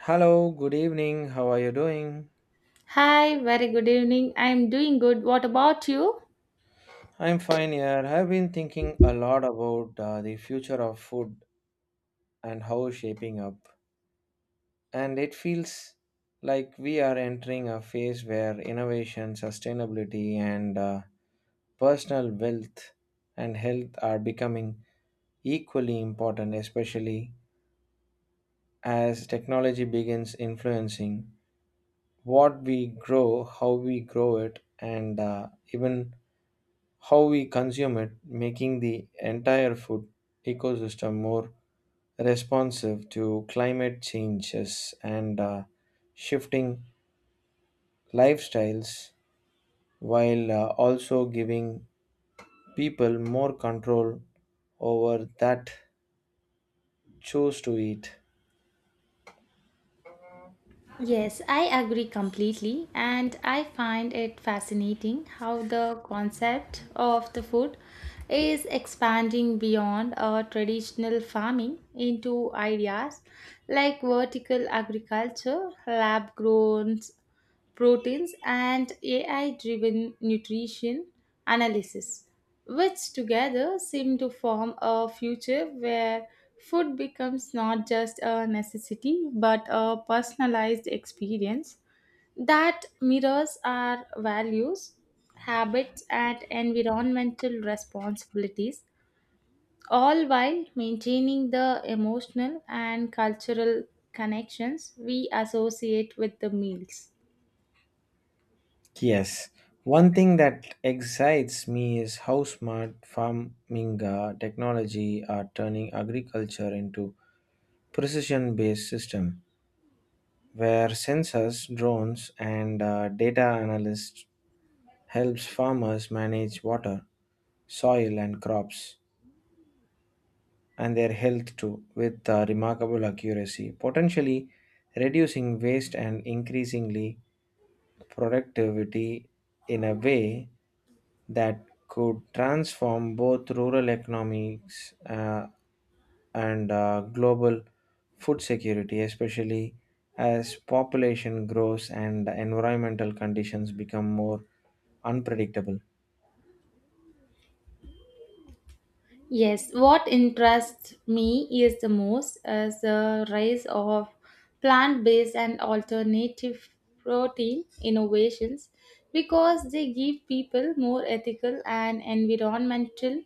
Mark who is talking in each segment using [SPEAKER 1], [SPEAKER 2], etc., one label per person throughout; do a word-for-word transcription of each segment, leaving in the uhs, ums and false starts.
[SPEAKER 1] Hello, good evening. How are you doing?
[SPEAKER 2] Hi, very good evening. I'm doing good. What about you?
[SPEAKER 1] I'm fine here. I've been thinking a lot about uh, the future of food and how it's shaping up. And it feels like we are entering a phase where innovation, sustainability, and uh, personal wealth and health are becoming equally important, especially as technology begins influencing what we grow, how we grow it, and uh, even how we consume it, making the entire food ecosystem more responsive to climate changes and uh, shifting lifestyles while uh, also giving people more control over that choose to eat.
[SPEAKER 2] Yes, I agree completely, and I find it fascinating how the concept of the food is expanding beyond our traditional farming into ideas like vertical agriculture, lab grown proteins, and A I driven nutrition analysis, which together seem to form a future where food becomes not just a necessity but a personalized experience that mirrors our values, habits, and environmental responsibilities, all while maintaining the emotional and cultural connections we associate with the meals.
[SPEAKER 1] Yes. One thing that excites me is how smart farming uh, technology are turning agriculture into precision based system where sensors, drones, and uh, data analysts helps farmers manage water, soil, and crops, and their health too, with uh, remarkable accuracy, potentially reducing waste and increasingly productivity in a way that could transform both rural economics uh, and uh, global food security, especially as population grows and environmental conditions become more unpredictable.
[SPEAKER 2] Yes, what interests me is the most is the rise of plant-based and alternative protein innovations because they give people more ethical and environmental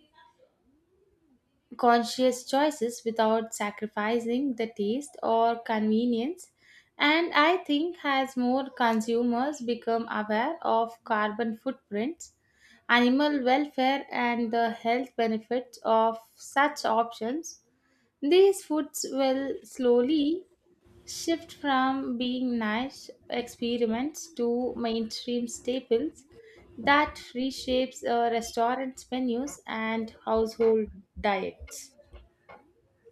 [SPEAKER 2] conscious choices without sacrificing the taste or convenience. And I think as more consumers become aware of carbon footprints, animal welfare, and the health benefits of such options, these foods will slowly shift from being niche experiments to mainstream staples that reshapes uh, restaurant menus and household diets.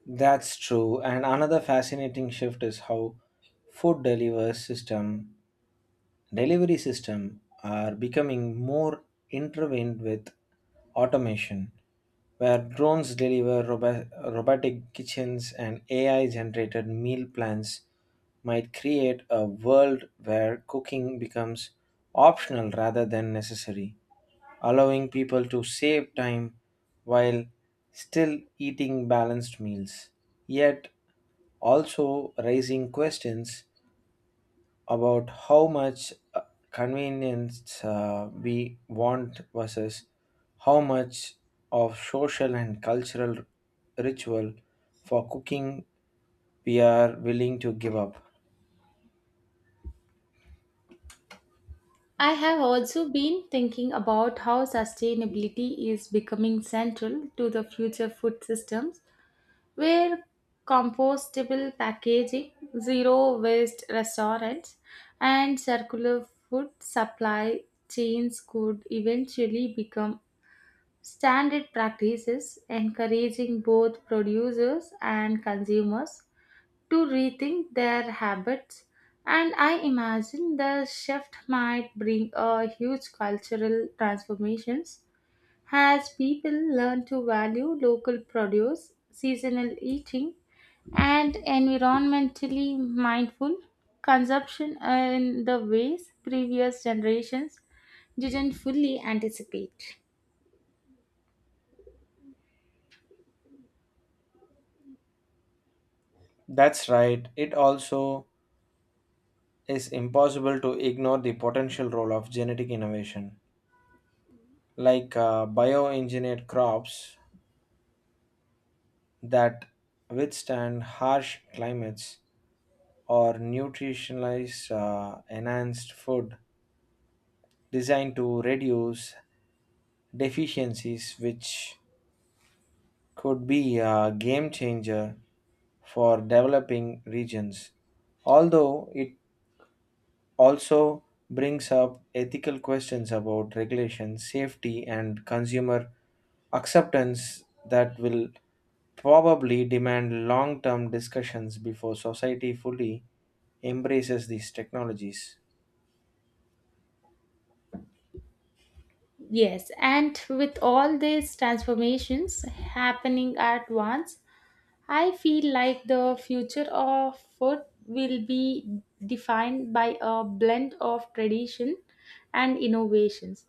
[SPEAKER 1] That's true. And another fascinating shift is how food delivers system delivery systems are becoming more intertwined with automation, where drones deliver robo- robotic kitchens and A I generated meal plans might create a world where cooking becomes optional rather than necessary, allowing people to save time while still eating balanced meals, yet also raising questions about how much uh, convenience uh, we want versus how much of social and cultural ritual for cooking we are willing to give up.
[SPEAKER 2] I have also been thinking about how sustainability is becoming central to the future food systems, where compostable packaging, zero waste restaurants, and circular food supply chains could eventually become standard practices, encouraging both producers and consumers to rethink their habits. And I imagine the shift might bring a huge cultural transformations as people learn to value local produce, seasonal eating, and environmentally mindful consumption in the ways previous generations didn't fully anticipate.
[SPEAKER 1] That's right, it also is impossible to ignore the potential role of genetic innovation, like uh, bioengineered crops that withstand harsh climates or nutritionalized uh, enhanced food designed to reduce deficiencies, which could be a game changer for developing regions. Although it also brings up ethical questions about regulation, safety, and consumer acceptance that will probably demand long term discussions before society fully embraces these technologies.
[SPEAKER 2] Yes, and with all these transformations happening at once, I feel like the future of food will be defined by a blend of tradition and innovations.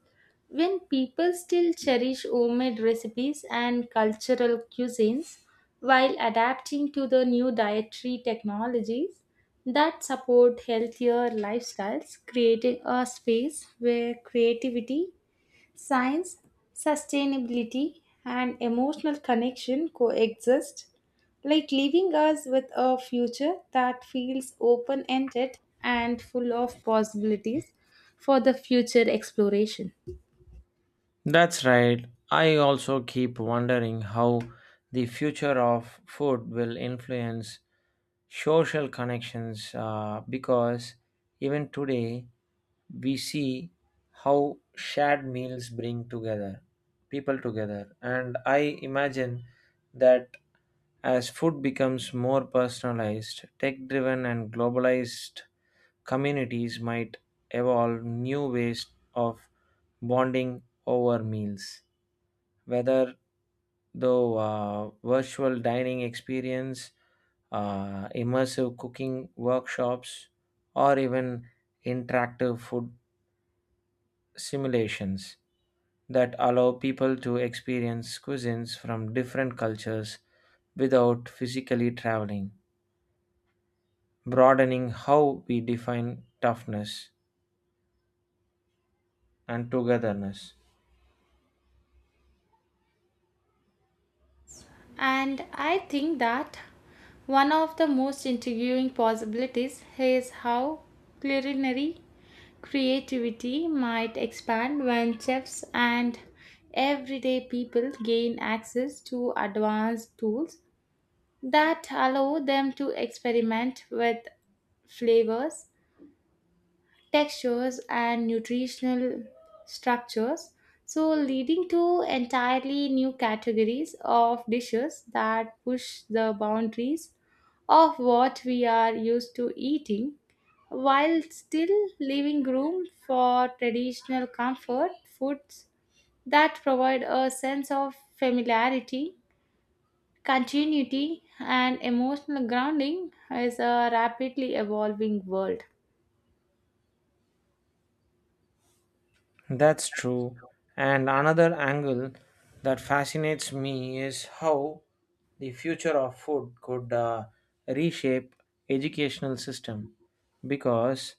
[SPEAKER 2] When people still cherish homemade recipes and cultural cuisines while adapting to the new dietary technologies that support healthier lifestyles, creating a space where creativity, science, sustainability, and emotional connection coexist, like leaving us with a future that feels open ended and full of possibilities for the future exploration.
[SPEAKER 1] That's right. I also keep wondering how the future of food will influence social connections uh, because even today we see how shared meals bring together people together, and I imagine that as food becomes more personalized, tech driven and globalized communities might evolve new ways of bonding over meals whether though uh, virtual dining experience, uh, immersive cooking workshops, or even interactive food simulations that allow people to experience cuisines from different cultures without physically traveling, broadening how we define toughness and togetherness.
[SPEAKER 2] And I think that one of the most intriguing possibilities is how culinary creativity might expand when chefs and everyday people gain access to advanced tools that allow them to experiment with flavors, textures, and nutritional structures, so leading to entirely new categories of dishes that push the boundaries of what we are used to eating while still leaving room for traditional comfort foods that provide a sense of familiarity, continuity, and emotional grounding is a rapidly evolving world.
[SPEAKER 1] That's true. And another angle that fascinates me is how the future of food could uh, reshape educational system because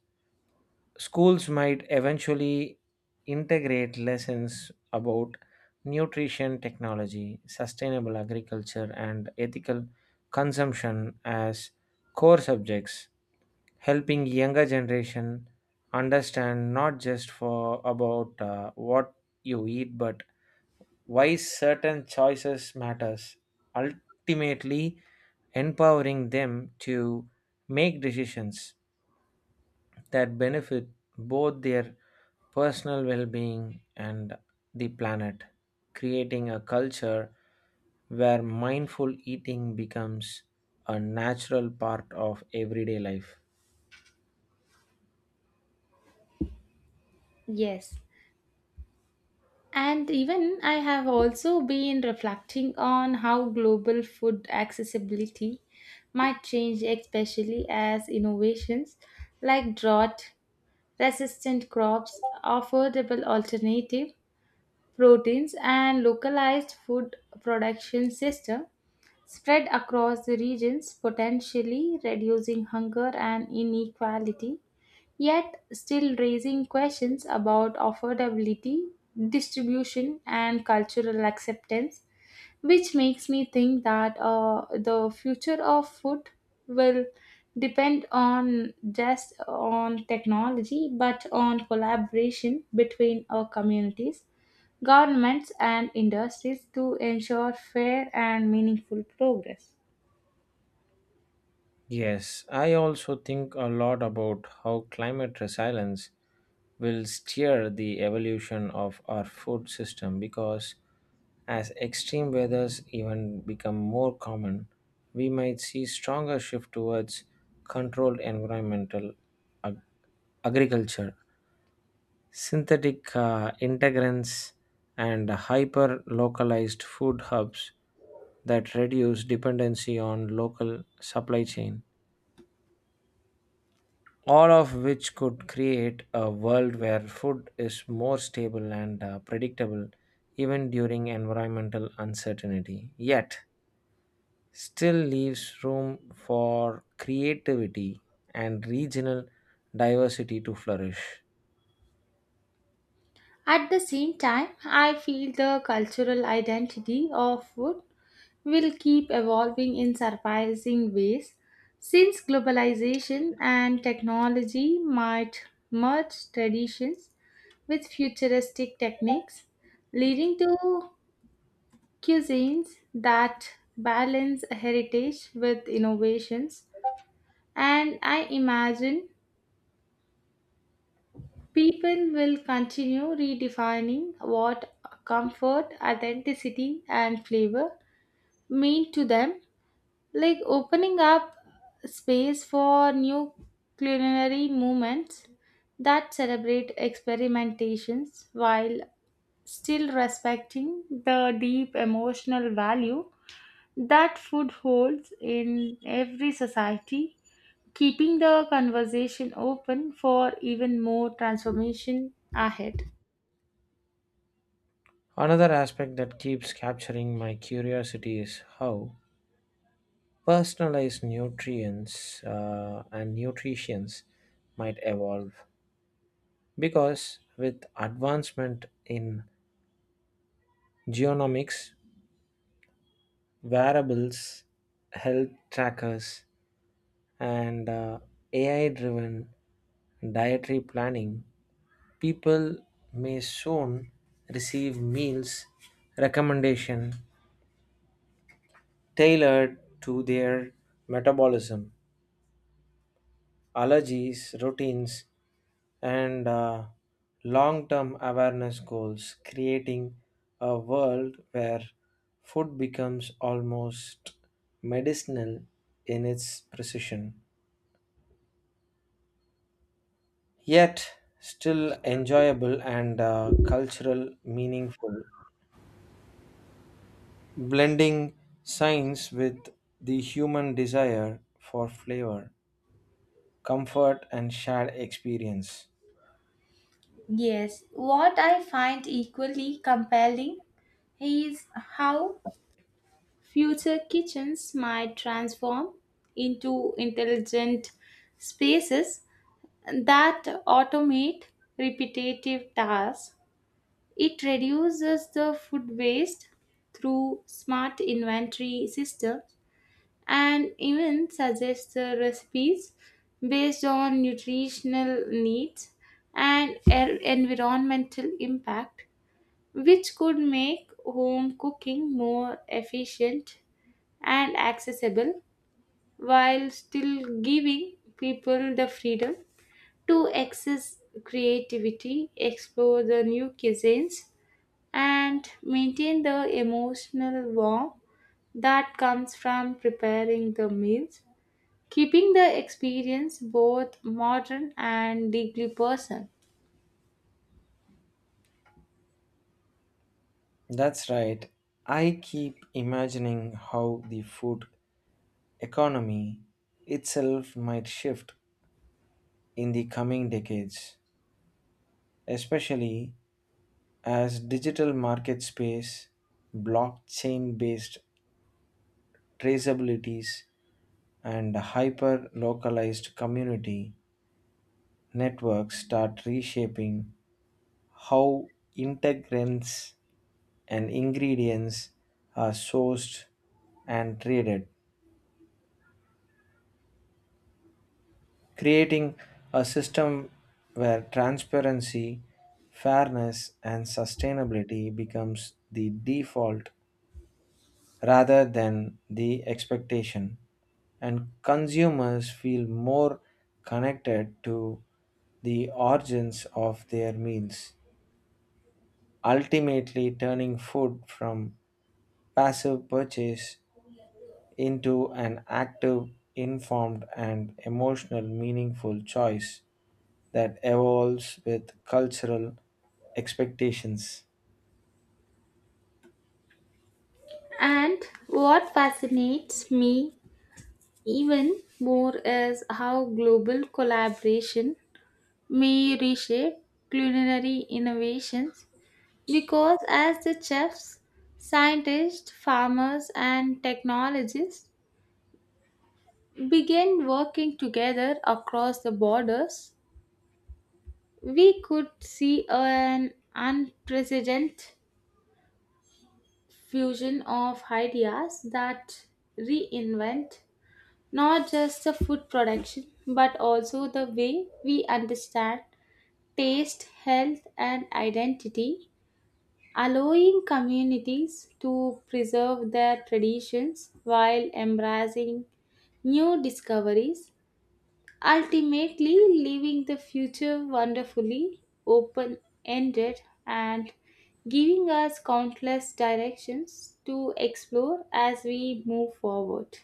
[SPEAKER 1] schools might eventually integrate lessons about nutrition technology, sustainable agriculture, and ethical consumption as core subjects, helping younger generation understand not just for about uh, what you eat but why certain choices matters, ultimately empowering them to make decisions that benefit both their personal well being and the planet, creating a culture where mindful eating becomes a natural part of everyday life.
[SPEAKER 2] Yes, and even I have also been reflecting on how global food accessibility might change, especially as innovations like drought resistant crops, affordable alternative proteins, and localized food production system spread across the regions, potentially reducing hunger and inequality yet still raising questions about affordability, distribution, and cultural acceptance, which makes me think that uh, the future of food will depend on just on technology but on collaboration between our communities, governments, and industries to ensure fair and meaningful progress.
[SPEAKER 1] Yes, I also think a lot about how climate resilience will steer the evolution of our food system because as extreme weathers even become more common, we might see stronger shift towards controlled environmental ag- agriculture, synthetic uh, integrants, and hyper localized food hubs that reduce dependency on local supply chain, all of which could create a world where food is more stable and uh, predictable even during environmental uncertainty, yet still leaves room for creativity and regional diversity to flourish.
[SPEAKER 2] At the same time, I feel the cultural identity of food will keep evolving in surprising ways since globalization and technology might merge traditions with futuristic techniques, leading to cuisines that balance heritage with innovations. And I imagine people will continue redefining what comfort, authenticity, and flavor mean to them, like opening up space for new culinary movements that celebrate experimentations while still respecting the deep emotional value that food holds in every society, keeping the conversation open for even more transformation ahead.
[SPEAKER 1] Another aspect that keeps capturing my curiosity is how personalized nutrients uh, and nutritions might evolve because with advancement in genomics, wearables, health trackers, and uh, A I driven dietary planning, people may soon receive meals recommendation tailored to their metabolism, allergies, routines, and uh, long term awareness goals, creating a world where food becomes almost medicinal in its precision, yet still enjoyable and uh, cultural meaningful, blending science with the human desire for flavor, comfort, and shared experience.
[SPEAKER 2] Yes, what I find equally compelling is how future kitchens might transform into intelligent spaces that automate repetitive tasks. It reduces the food waste through smart inventory systems and even suggests the recipes based on nutritional needs and er- environmental impact, which could make home cooking more efficient and accessible while still giving people the freedom to access creativity, explore the new cuisines, and maintain the emotional warmth that comes from preparing the meals, keeping the experience both modern and deeply personal.
[SPEAKER 1] That's right. I keep imagining how the food economy itself might shift in the coming decades, especially as digital market space, blockchain based traceabilities, and hyper localized community networks start reshaping how integrants and ingredients are sourced and traded, creating a system where transparency, fairness, and sustainability becomes the default rather than the expectation, and consumers feel more connected to the origins of their meals, ultimately turning food from passive purchase into an active, informed, and emotional meaningful choice that evolves with cultural expectations.
[SPEAKER 2] And what fascinates me even more is how global collaboration may reshape culinary innovations because as the chefs, scientists, farmers, and technologists begin working together across the borders, we could see an unprecedented fusion of ideas that reinvent not just the food production but also the way we understand taste, health, and identity, allowing communities to preserve their traditions while embracing new discoveries, ultimately leaving the future wonderfully open ended and giving us countless directions to explore as we move forward.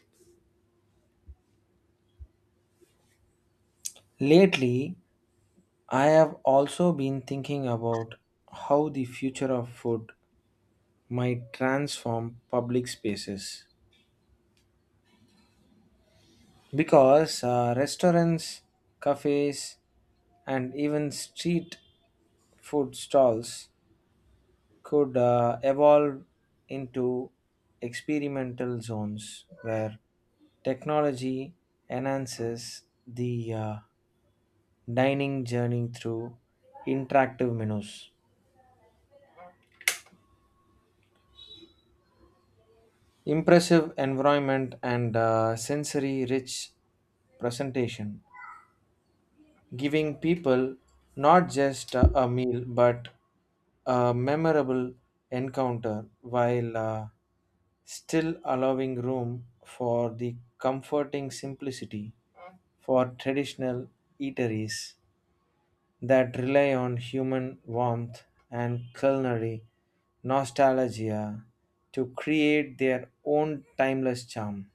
[SPEAKER 1] Lately, I have also been thinking about how the future of food might transform public spaces. Because uh, restaurants, cafes, and even street food stalls could uh, evolve into experimental zones where technology enhances the uh, dining journey through interactive menus, impressive environment, and uh, sensory rich presentation, giving people not just uh, a meal but a memorable encounter while uh, still allowing room for the comforting simplicity for traditional eateries that rely on human warmth and culinary nostalgia to create their own timeless charm.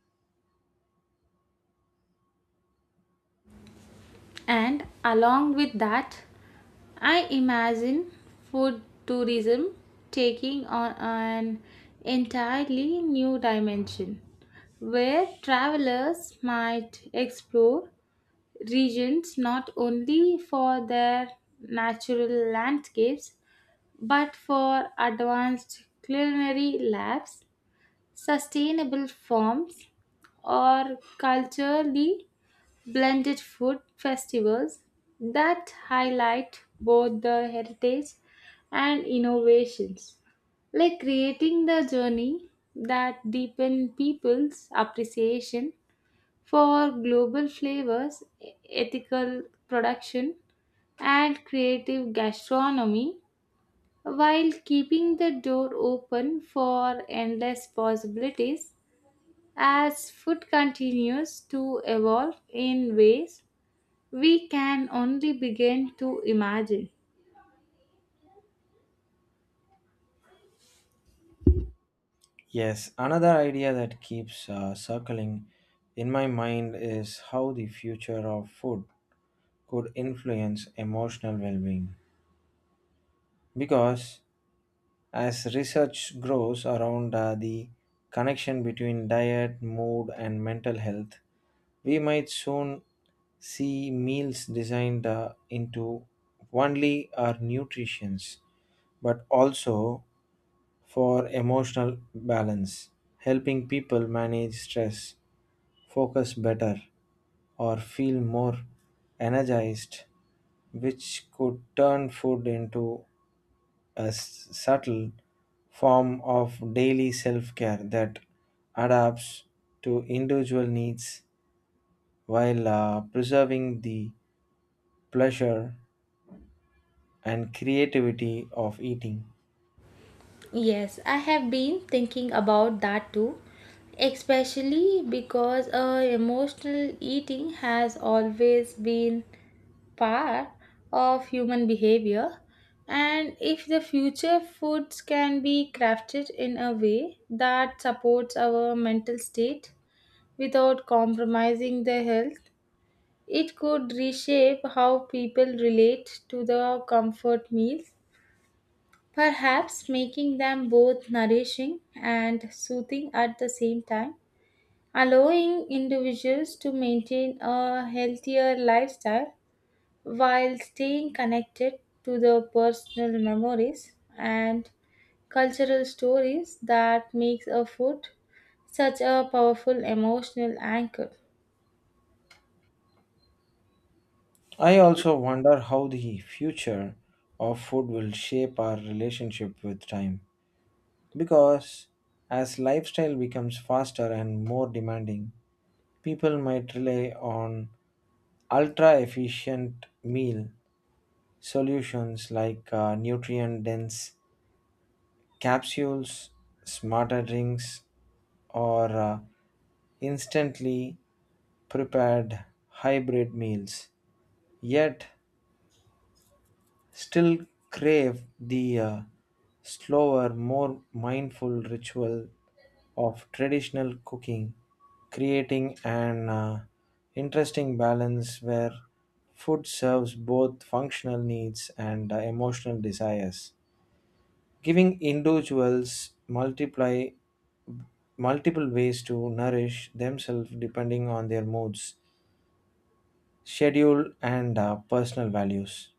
[SPEAKER 2] And along with that, I imagine food tourism taking on an entirely new dimension where travelers might explore regions not only for their natural landscapes but for advanced culinary labs, sustainable farms, or culturally blended food festivals that highlight both the heritage and innovations, like creating the journey that deepen people's appreciation for global flavors, ethical production, and creative gastronomy while keeping the door open for endless possibilities as food continues to evolve in ways we can only begin to imagine.
[SPEAKER 1] Yes, another idea that keeps uh, circling in my mind is how the future of food could influence emotional well being. Because as research grows around uh, the connection between diet, mood, and mental health, we might soon see meals designed uh, into only our nutritions but also for emotional balance, helping people manage stress, focus better, or feel more energized, which could turn food into a s- subtle form of daily self care that adapts to individual needs while uh, preserving the pleasure and creativity of eating.
[SPEAKER 2] Yes, I have been thinking about that too, especially because uh, emotional eating has always been part of human behavior. And if the future foods can be crafted in a way that supports our mental state without compromising their health, it could reshape how people relate to the comfort meals, perhaps making them both nourishing and soothing at the same time, allowing individuals to maintain a healthier lifestyle while staying connected to the personal memories and cultural stories that makes a food such a powerful emotional anchor.
[SPEAKER 1] I also wonder how the future of food will shape our relationship with time. Because as lifestyle becomes faster and more demanding, people might rely on ultra efficient meal solutions like nutrient dense capsules, smarter drinks, or uh, instantly prepared hybrid meals. Yet, still crave the uh, slower, more mindful ritual of traditional cooking, creating an uh, interesting balance where food serves both functional needs and uh, emotional desires, giving individuals multiply multiple ways to nourish themselves depending on their moods, schedule, and uh, personal values.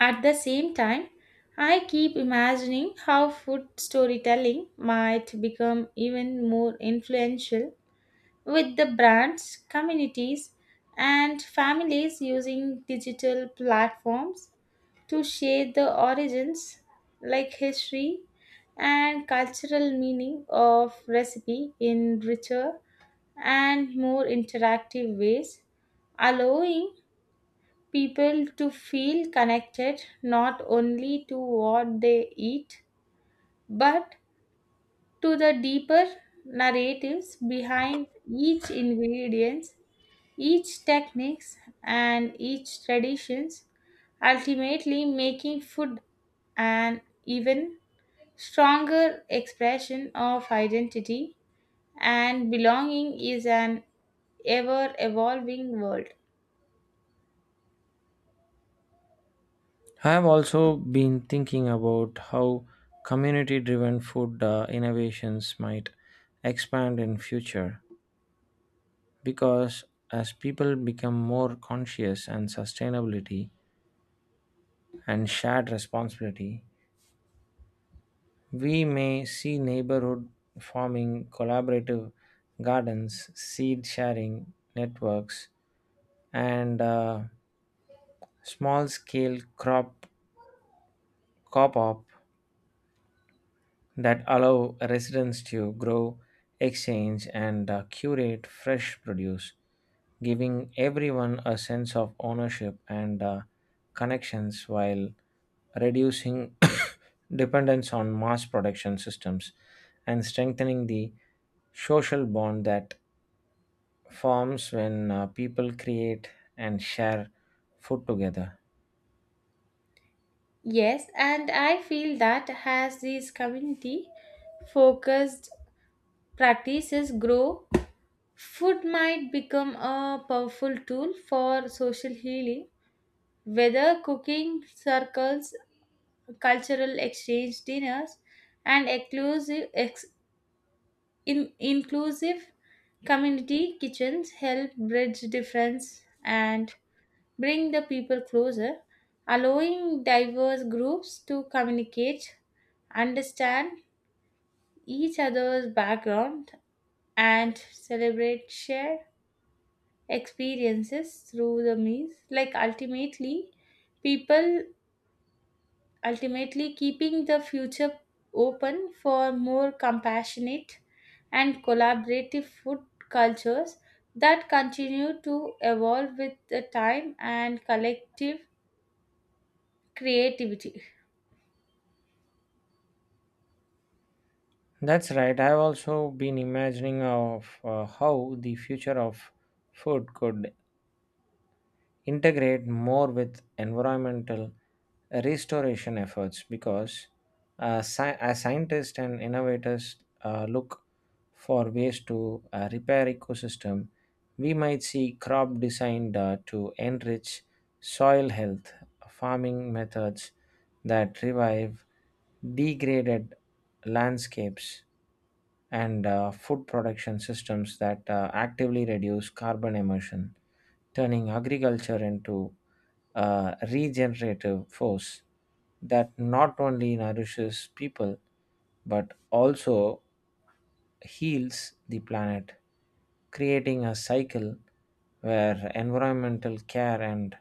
[SPEAKER 2] At the same time, I keep imagining how food storytelling might become even more influential with the brands, communities, and families using digital platforms to share the origins, like history and cultural meaning of recipe in richer and more interactive ways, allowing people to feel connected not only to what they eat but to the deeper narratives behind each ingredient, each techniques, and each traditions, ultimately making food an even stronger expression of identity and belonging is an ever evolving world.
[SPEAKER 1] I have also been thinking about how community-driven food uh, innovations might expand in future because as people become more conscious and sustainability and shared responsibility, we may see neighborhood farming, collaborative gardens, seed sharing networks, and small scale crop co-op that allow residents to grow, exchange, and uh, curate fresh produce, giving everyone a sense of ownership and uh, connections while reducing dependence on mass production systems and strengthening the social bond that forms when uh, people create and share food together.
[SPEAKER 2] Yes, and I feel that as these community focused practices grow, food might become a powerful tool for social healing, whether cooking circles, cultural exchange dinners, and exclusive, ex, in, inclusive community kitchens help bridge difference and bring the people closer, allowing diverse groups to communicate, understand each other's background, and celebrate shared experiences through the meals. Like ultimately, people ultimately keeping the future open for more compassionate and collaborative food cultures that continue to evolve with the time and collective creativity.
[SPEAKER 1] That's right. I've also been imagining of uh, how the future of food could integrate more with environmental restoration efforts because uh, sci- as scientists and innovators uh, look for ways to uh, repair ecosystem, we might see crop designed uh, to enrich soil health, farming methods that revive degraded landscapes and uh, food production systems that uh, actively reduce carbon emission, turning agriculture into a regenerative force that not only nourishes people but also heals the planet, creating a cycle where environmental care and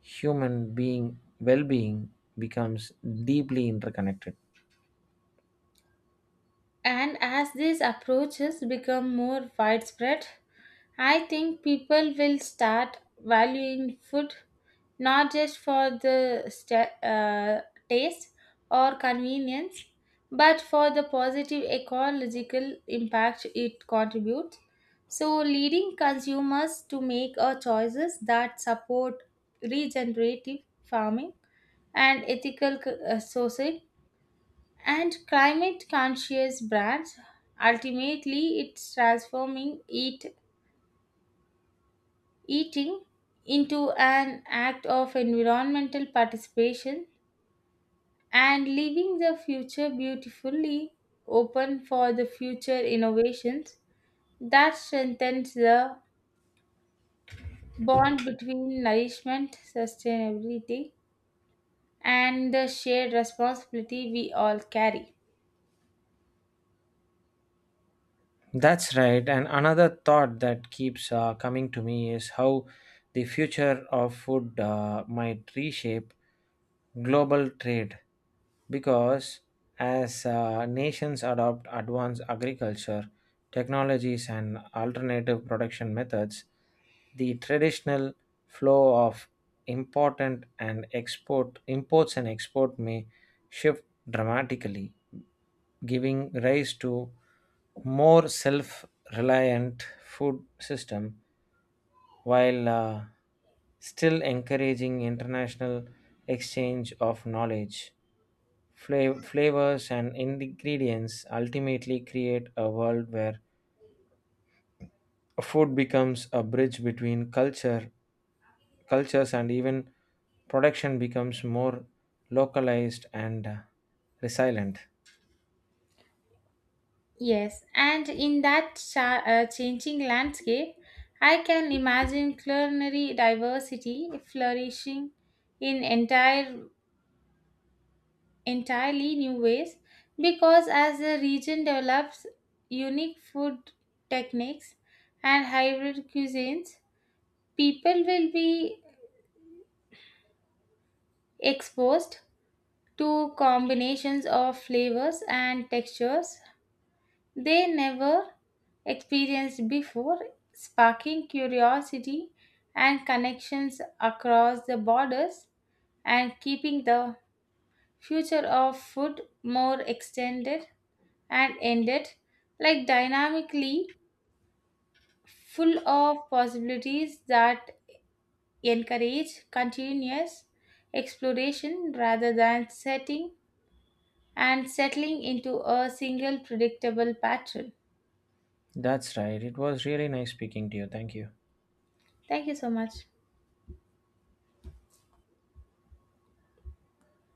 [SPEAKER 1] human being well-being becomes deeply interconnected.
[SPEAKER 2] And as these approaches become more widespread, I think people will start valuing food not just for the sta uh, taste or convenience, but for the positive ecological impact it contributes. So, leading consumers to make a choices that support regenerative farming and ethical c- uh, sourcing and climate conscious brands. Ultimately, it's transforming eat, eating into an act of environmental participation and leaving the future beautifully open for the future innovations that strengthens the bond between nourishment, sustainability, and the shared responsibility we all carry.
[SPEAKER 1] That's right. And another thought that keeps uh, coming to me is how the future of food uh, might reshape global trade. Because as uh, nations adopt advanced agriculture technologies and alternative production methods, the traditional flow of important and export imports and export may shift dramatically, giving rise to more self-reliant food system while uh, still encouraging international exchange of knowledge, fla- flavors and ingredients, ultimately create a world where food becomes a bridge between culture cultures and even production becomes more localized and uh, resilient.
[SPEAKER 2] Yes, and in that cha- uh, changing landscape, I can imagine culinary diversity flourishing in entire entirely new ways because as the region develops unique food techniques and hybrid cuisines, people will be exposed to combinations of flavors and textures they never experienced before, sparking curiosity and connections across the borders and keeping the future of food more extended and ended, like dynamically full of possibilities that encourage continuous exploration rather than setting and settling into a single predictable pattern.
[SPEAKER 1] That's right, it was really nice speaking to you. Thank you.
[SPEAKER 2] Thank you so much.